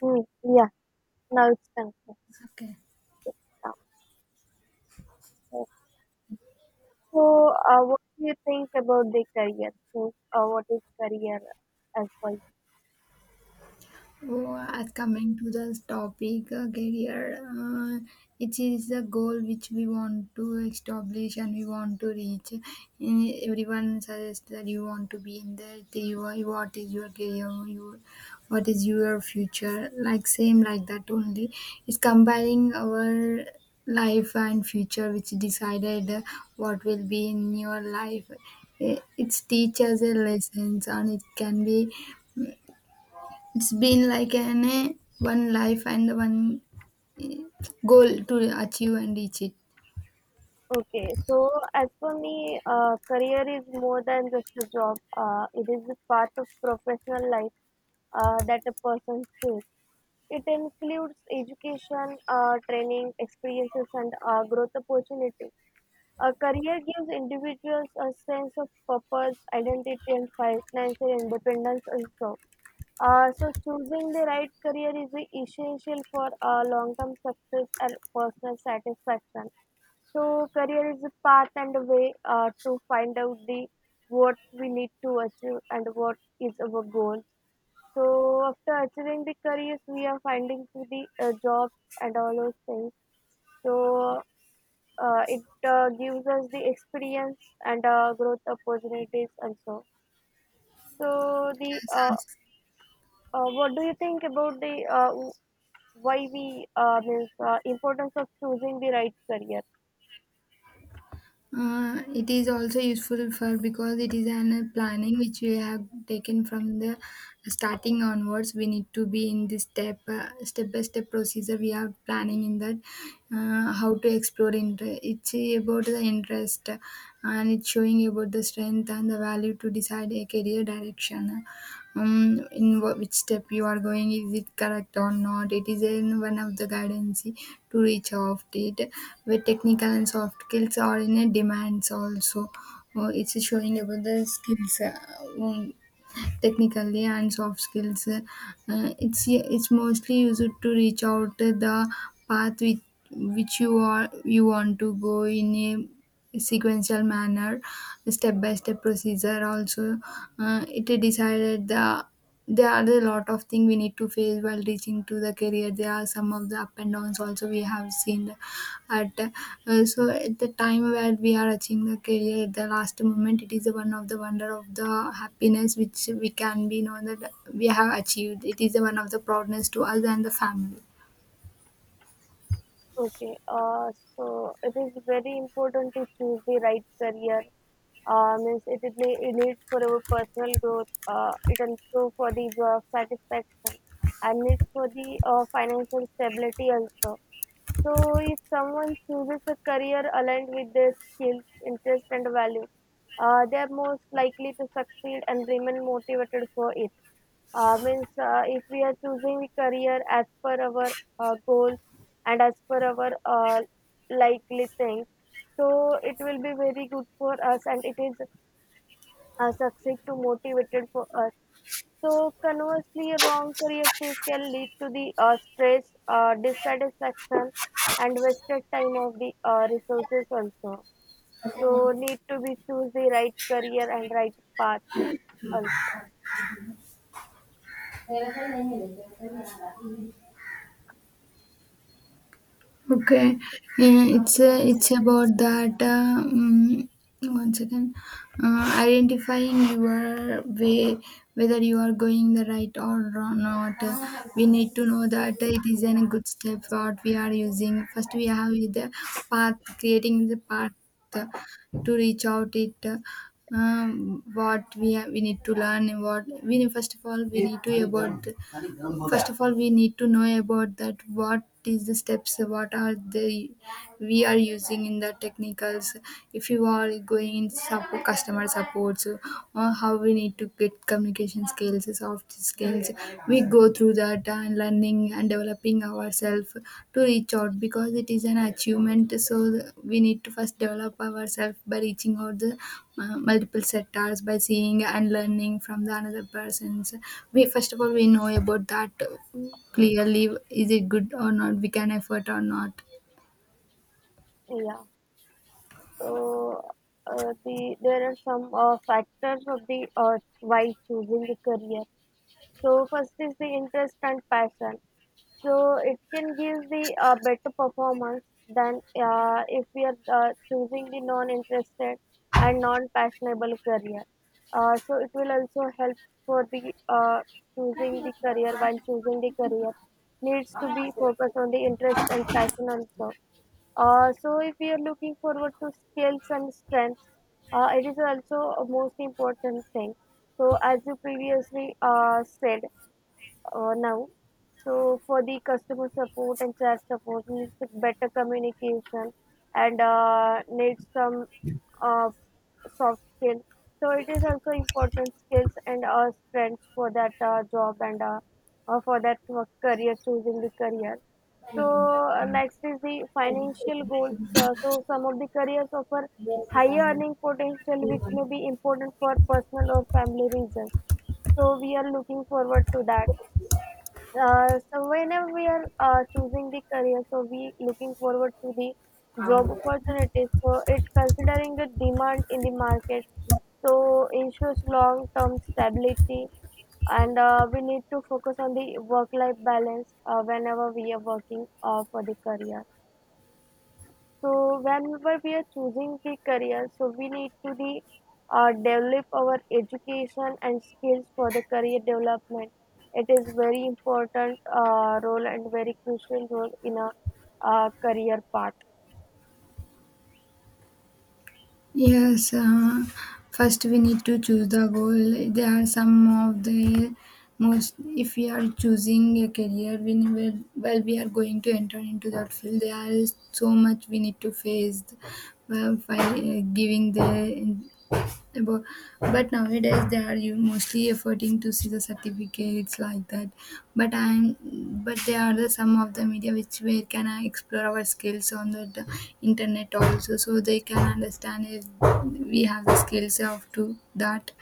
Mm, yeah, now it's time to Okay. sit down. Uh, So, what do you think about the career? What is career as well? Oh, as coming to this topic, career, it is a goal which we want to establish and we want to reach. Everyone suggests that you want to be in that. You are, what is your career? You, what is your future? Like same like that only. It's combining our life and future, which decided what will be in your life. It teaches a lessons and it can be It's been like an one life and one eh, goal to achieve and reach it. Okay, so as for me, career is more than just a job. It is a part of professional life that a person chooses. It includes education, training, experiences, and growth opportunities. A career gives individuals a sense of purpose, identity, and financial independence also. So choosing the right career is essential for long-term success and personal satisfaction. So career is a path and a way to find out the what we need to achieve and what is our goal. So after achieving the careers, we are finding to the jobs and all those things. So it gives us the experience and growth opportunities and so. So the Yes, yes. What do you think about the why we means importance of choosing the right career? It is also useful for because it is an planning which we have taken from the starting onwards. We need to be in this step step by step procedure. We are planning in that how to explore interest. It's about the interest and it's showing about the strength and the value to decide a career direction. In which step you are going, is it correct or not? It is in one of the guidance to reach off it, where technical and soft skills are in a demands also. It's showing about the skills, um, technically and soft skills. It's mostly used to reach out to the path which you want to go in a sequential manner, step by step procedure. Also, it decided there are a lot of things we need to face while reaching to the career. There are some of the up and downs also we have seen at so at the time where we are achieving the career at the last moment, it is one of the wonder of the happiness which we can be know that we have achieved. It is one of the proudness to us and the family. Okay, so it is very important to choose the right career, means it needs for our personal growth, it also for the job satisfaction and needs for the financial stability also. So if someone chooses a career aligned with their skills, interest and value, they are most likely to succeed and remain motivated for it, means if we are choosing the career as per our goals and as per our likely things, so it will be very good for us and it is succeed to motivated for us. So conversely, a wrong career choice can lead to the stress, dissatisfaction and wasted time of the resources also. So need to be choose the right career and right path also. Okay, it's about that. One second, identifying your way, whether you are going the right or not. We need to know that it is a good step what we are using. First, we have the path, creating the path uh, to reach out it. Um, what we have, we need to learn, and what we need, first of all we need to about first of all we need to know about that what is the steps, what are the we are using in the technicals. If you are going in support, customer supports, or how we need to get communication skills, soft skills, we go through that and learning and developing our ourselves to reach out, because it is an achievement. So we need to first develop ourselves by reaching out the multiple sectors by seeing and learning from the another persons. We first of all we know about that clearly, is it good or not, we can effort or not. Yeah. So the there are some factors of the why choosing the career. So first is the interest and passion. So it can give the better performance than if we are choosing the non-interested and non-passionable career. So it will also help for the choosing the career. While choosing the career, needs to be focused on the interest and passion also. So if we are looking forward to skills and strengths, it is also a most important thing. So as you previously said, now, so for the customer support and chat support needs better communication and needs some uh, soft skill. So it is also important skills and strengths for that job and for that work career, choosing the career. So next is the financial goals. So some of the careers offer higher earning potential which may be important for personal or family reasons, so we are looking forward to that. So whenever we are choosing the career, so we looking forward to the job opportunities, so it considering the demand in the market, so ensures long-term stability, and we need to focus on the work-life balance whenever we are working for the career. So whenever we are choosing the career, so we need to the develop our education and skills for the career development. It is very important role and very crucial role in a career path. Yes, first we need to choose the goal. There are some of the most, if we are choosing a career, we will, we are going to enter into that field. There is so much we need to face by giving but, but nowadays they are you mostly efforting to see the certificates like that. But I'm but there are the some of the media which where can I explore our skills on the internet also, so they can understand if we have the skills of to that.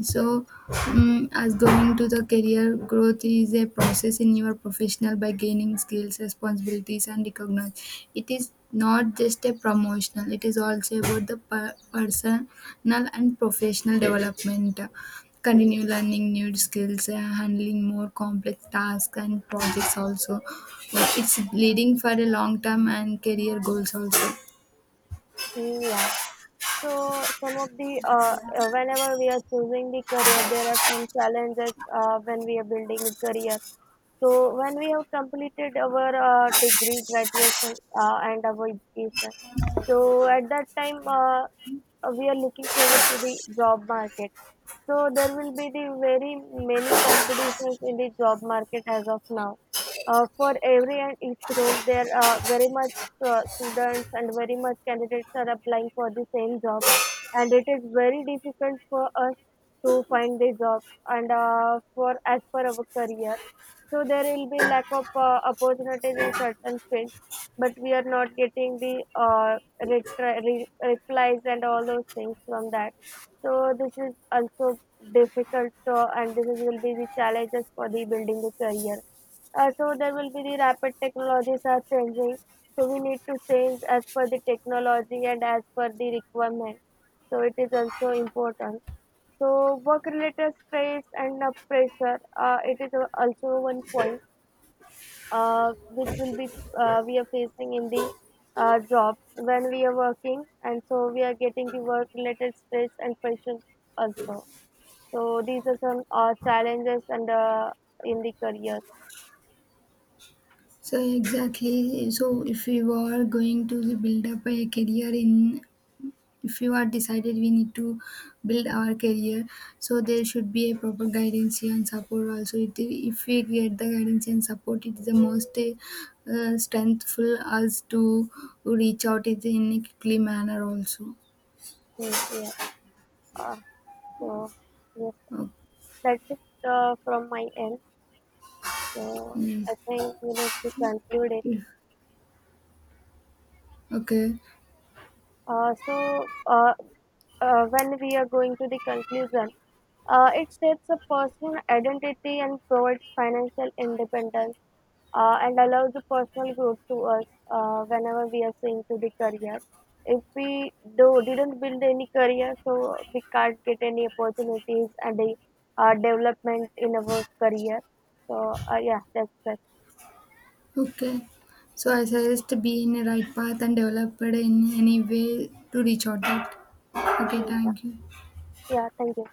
So, mm, as going to the career growth is a process in your professional by gaining skills, responsibilities, and recognize. It is not just a promotional; it is also about the personal and professional development. Continue learning new skills, handling more complex tasks and projects. Also, like, it's leading for a long term and career goals also. Mm, yeah. So some of the whenever we are choosing the career, there are some challenges when we are building a career. So when we have completed our degree, graduation, and our education, so at that time we are looking forward to the job market, so there will be the very many competitions in the job market as of now. For every and each role, there are very much students and very much candidates are applying for the same job, and it is very difficult for us to find the job and for as per our career. So there will be lack of opportunities in certain fields, but we are not getting the replies and all those things from that. So this is also difficult, and this will be the challenges for the building a career. So there will be the rapid technologies are changing. So we need to change as per the technology and as per the requirement. So it is also important. So work related stress and pressure, it is also one point uh, which will be we are facing in the job when we are working, and so we are getting the work related stress and pressures also. So these are some challenges and in the career. So exactly. So if you are going to build up a career, in if you are decided we need to build our career, so there should be a proper guidance and support also it. If we get the guidance and support, it is the most strengthful us to reach out it in a quickly manner also. Mm, yeah. Uh, so yes, Oh, that's it from my end. So I yes. think we need to conclude it. Yeah. Okay. So when we are going to the conclusion, it shapes a personal identity and provides financial independence and allows the personal growth to us whenever we are seeing to the career. If we do didn't build any career, so we can't get any opportunities and the development in our career. So yeah, that's that. Okay, so I suggest to be in the right path and developed in any way to reach out that. Okay, Yeah, thank you. yeah. Thank you.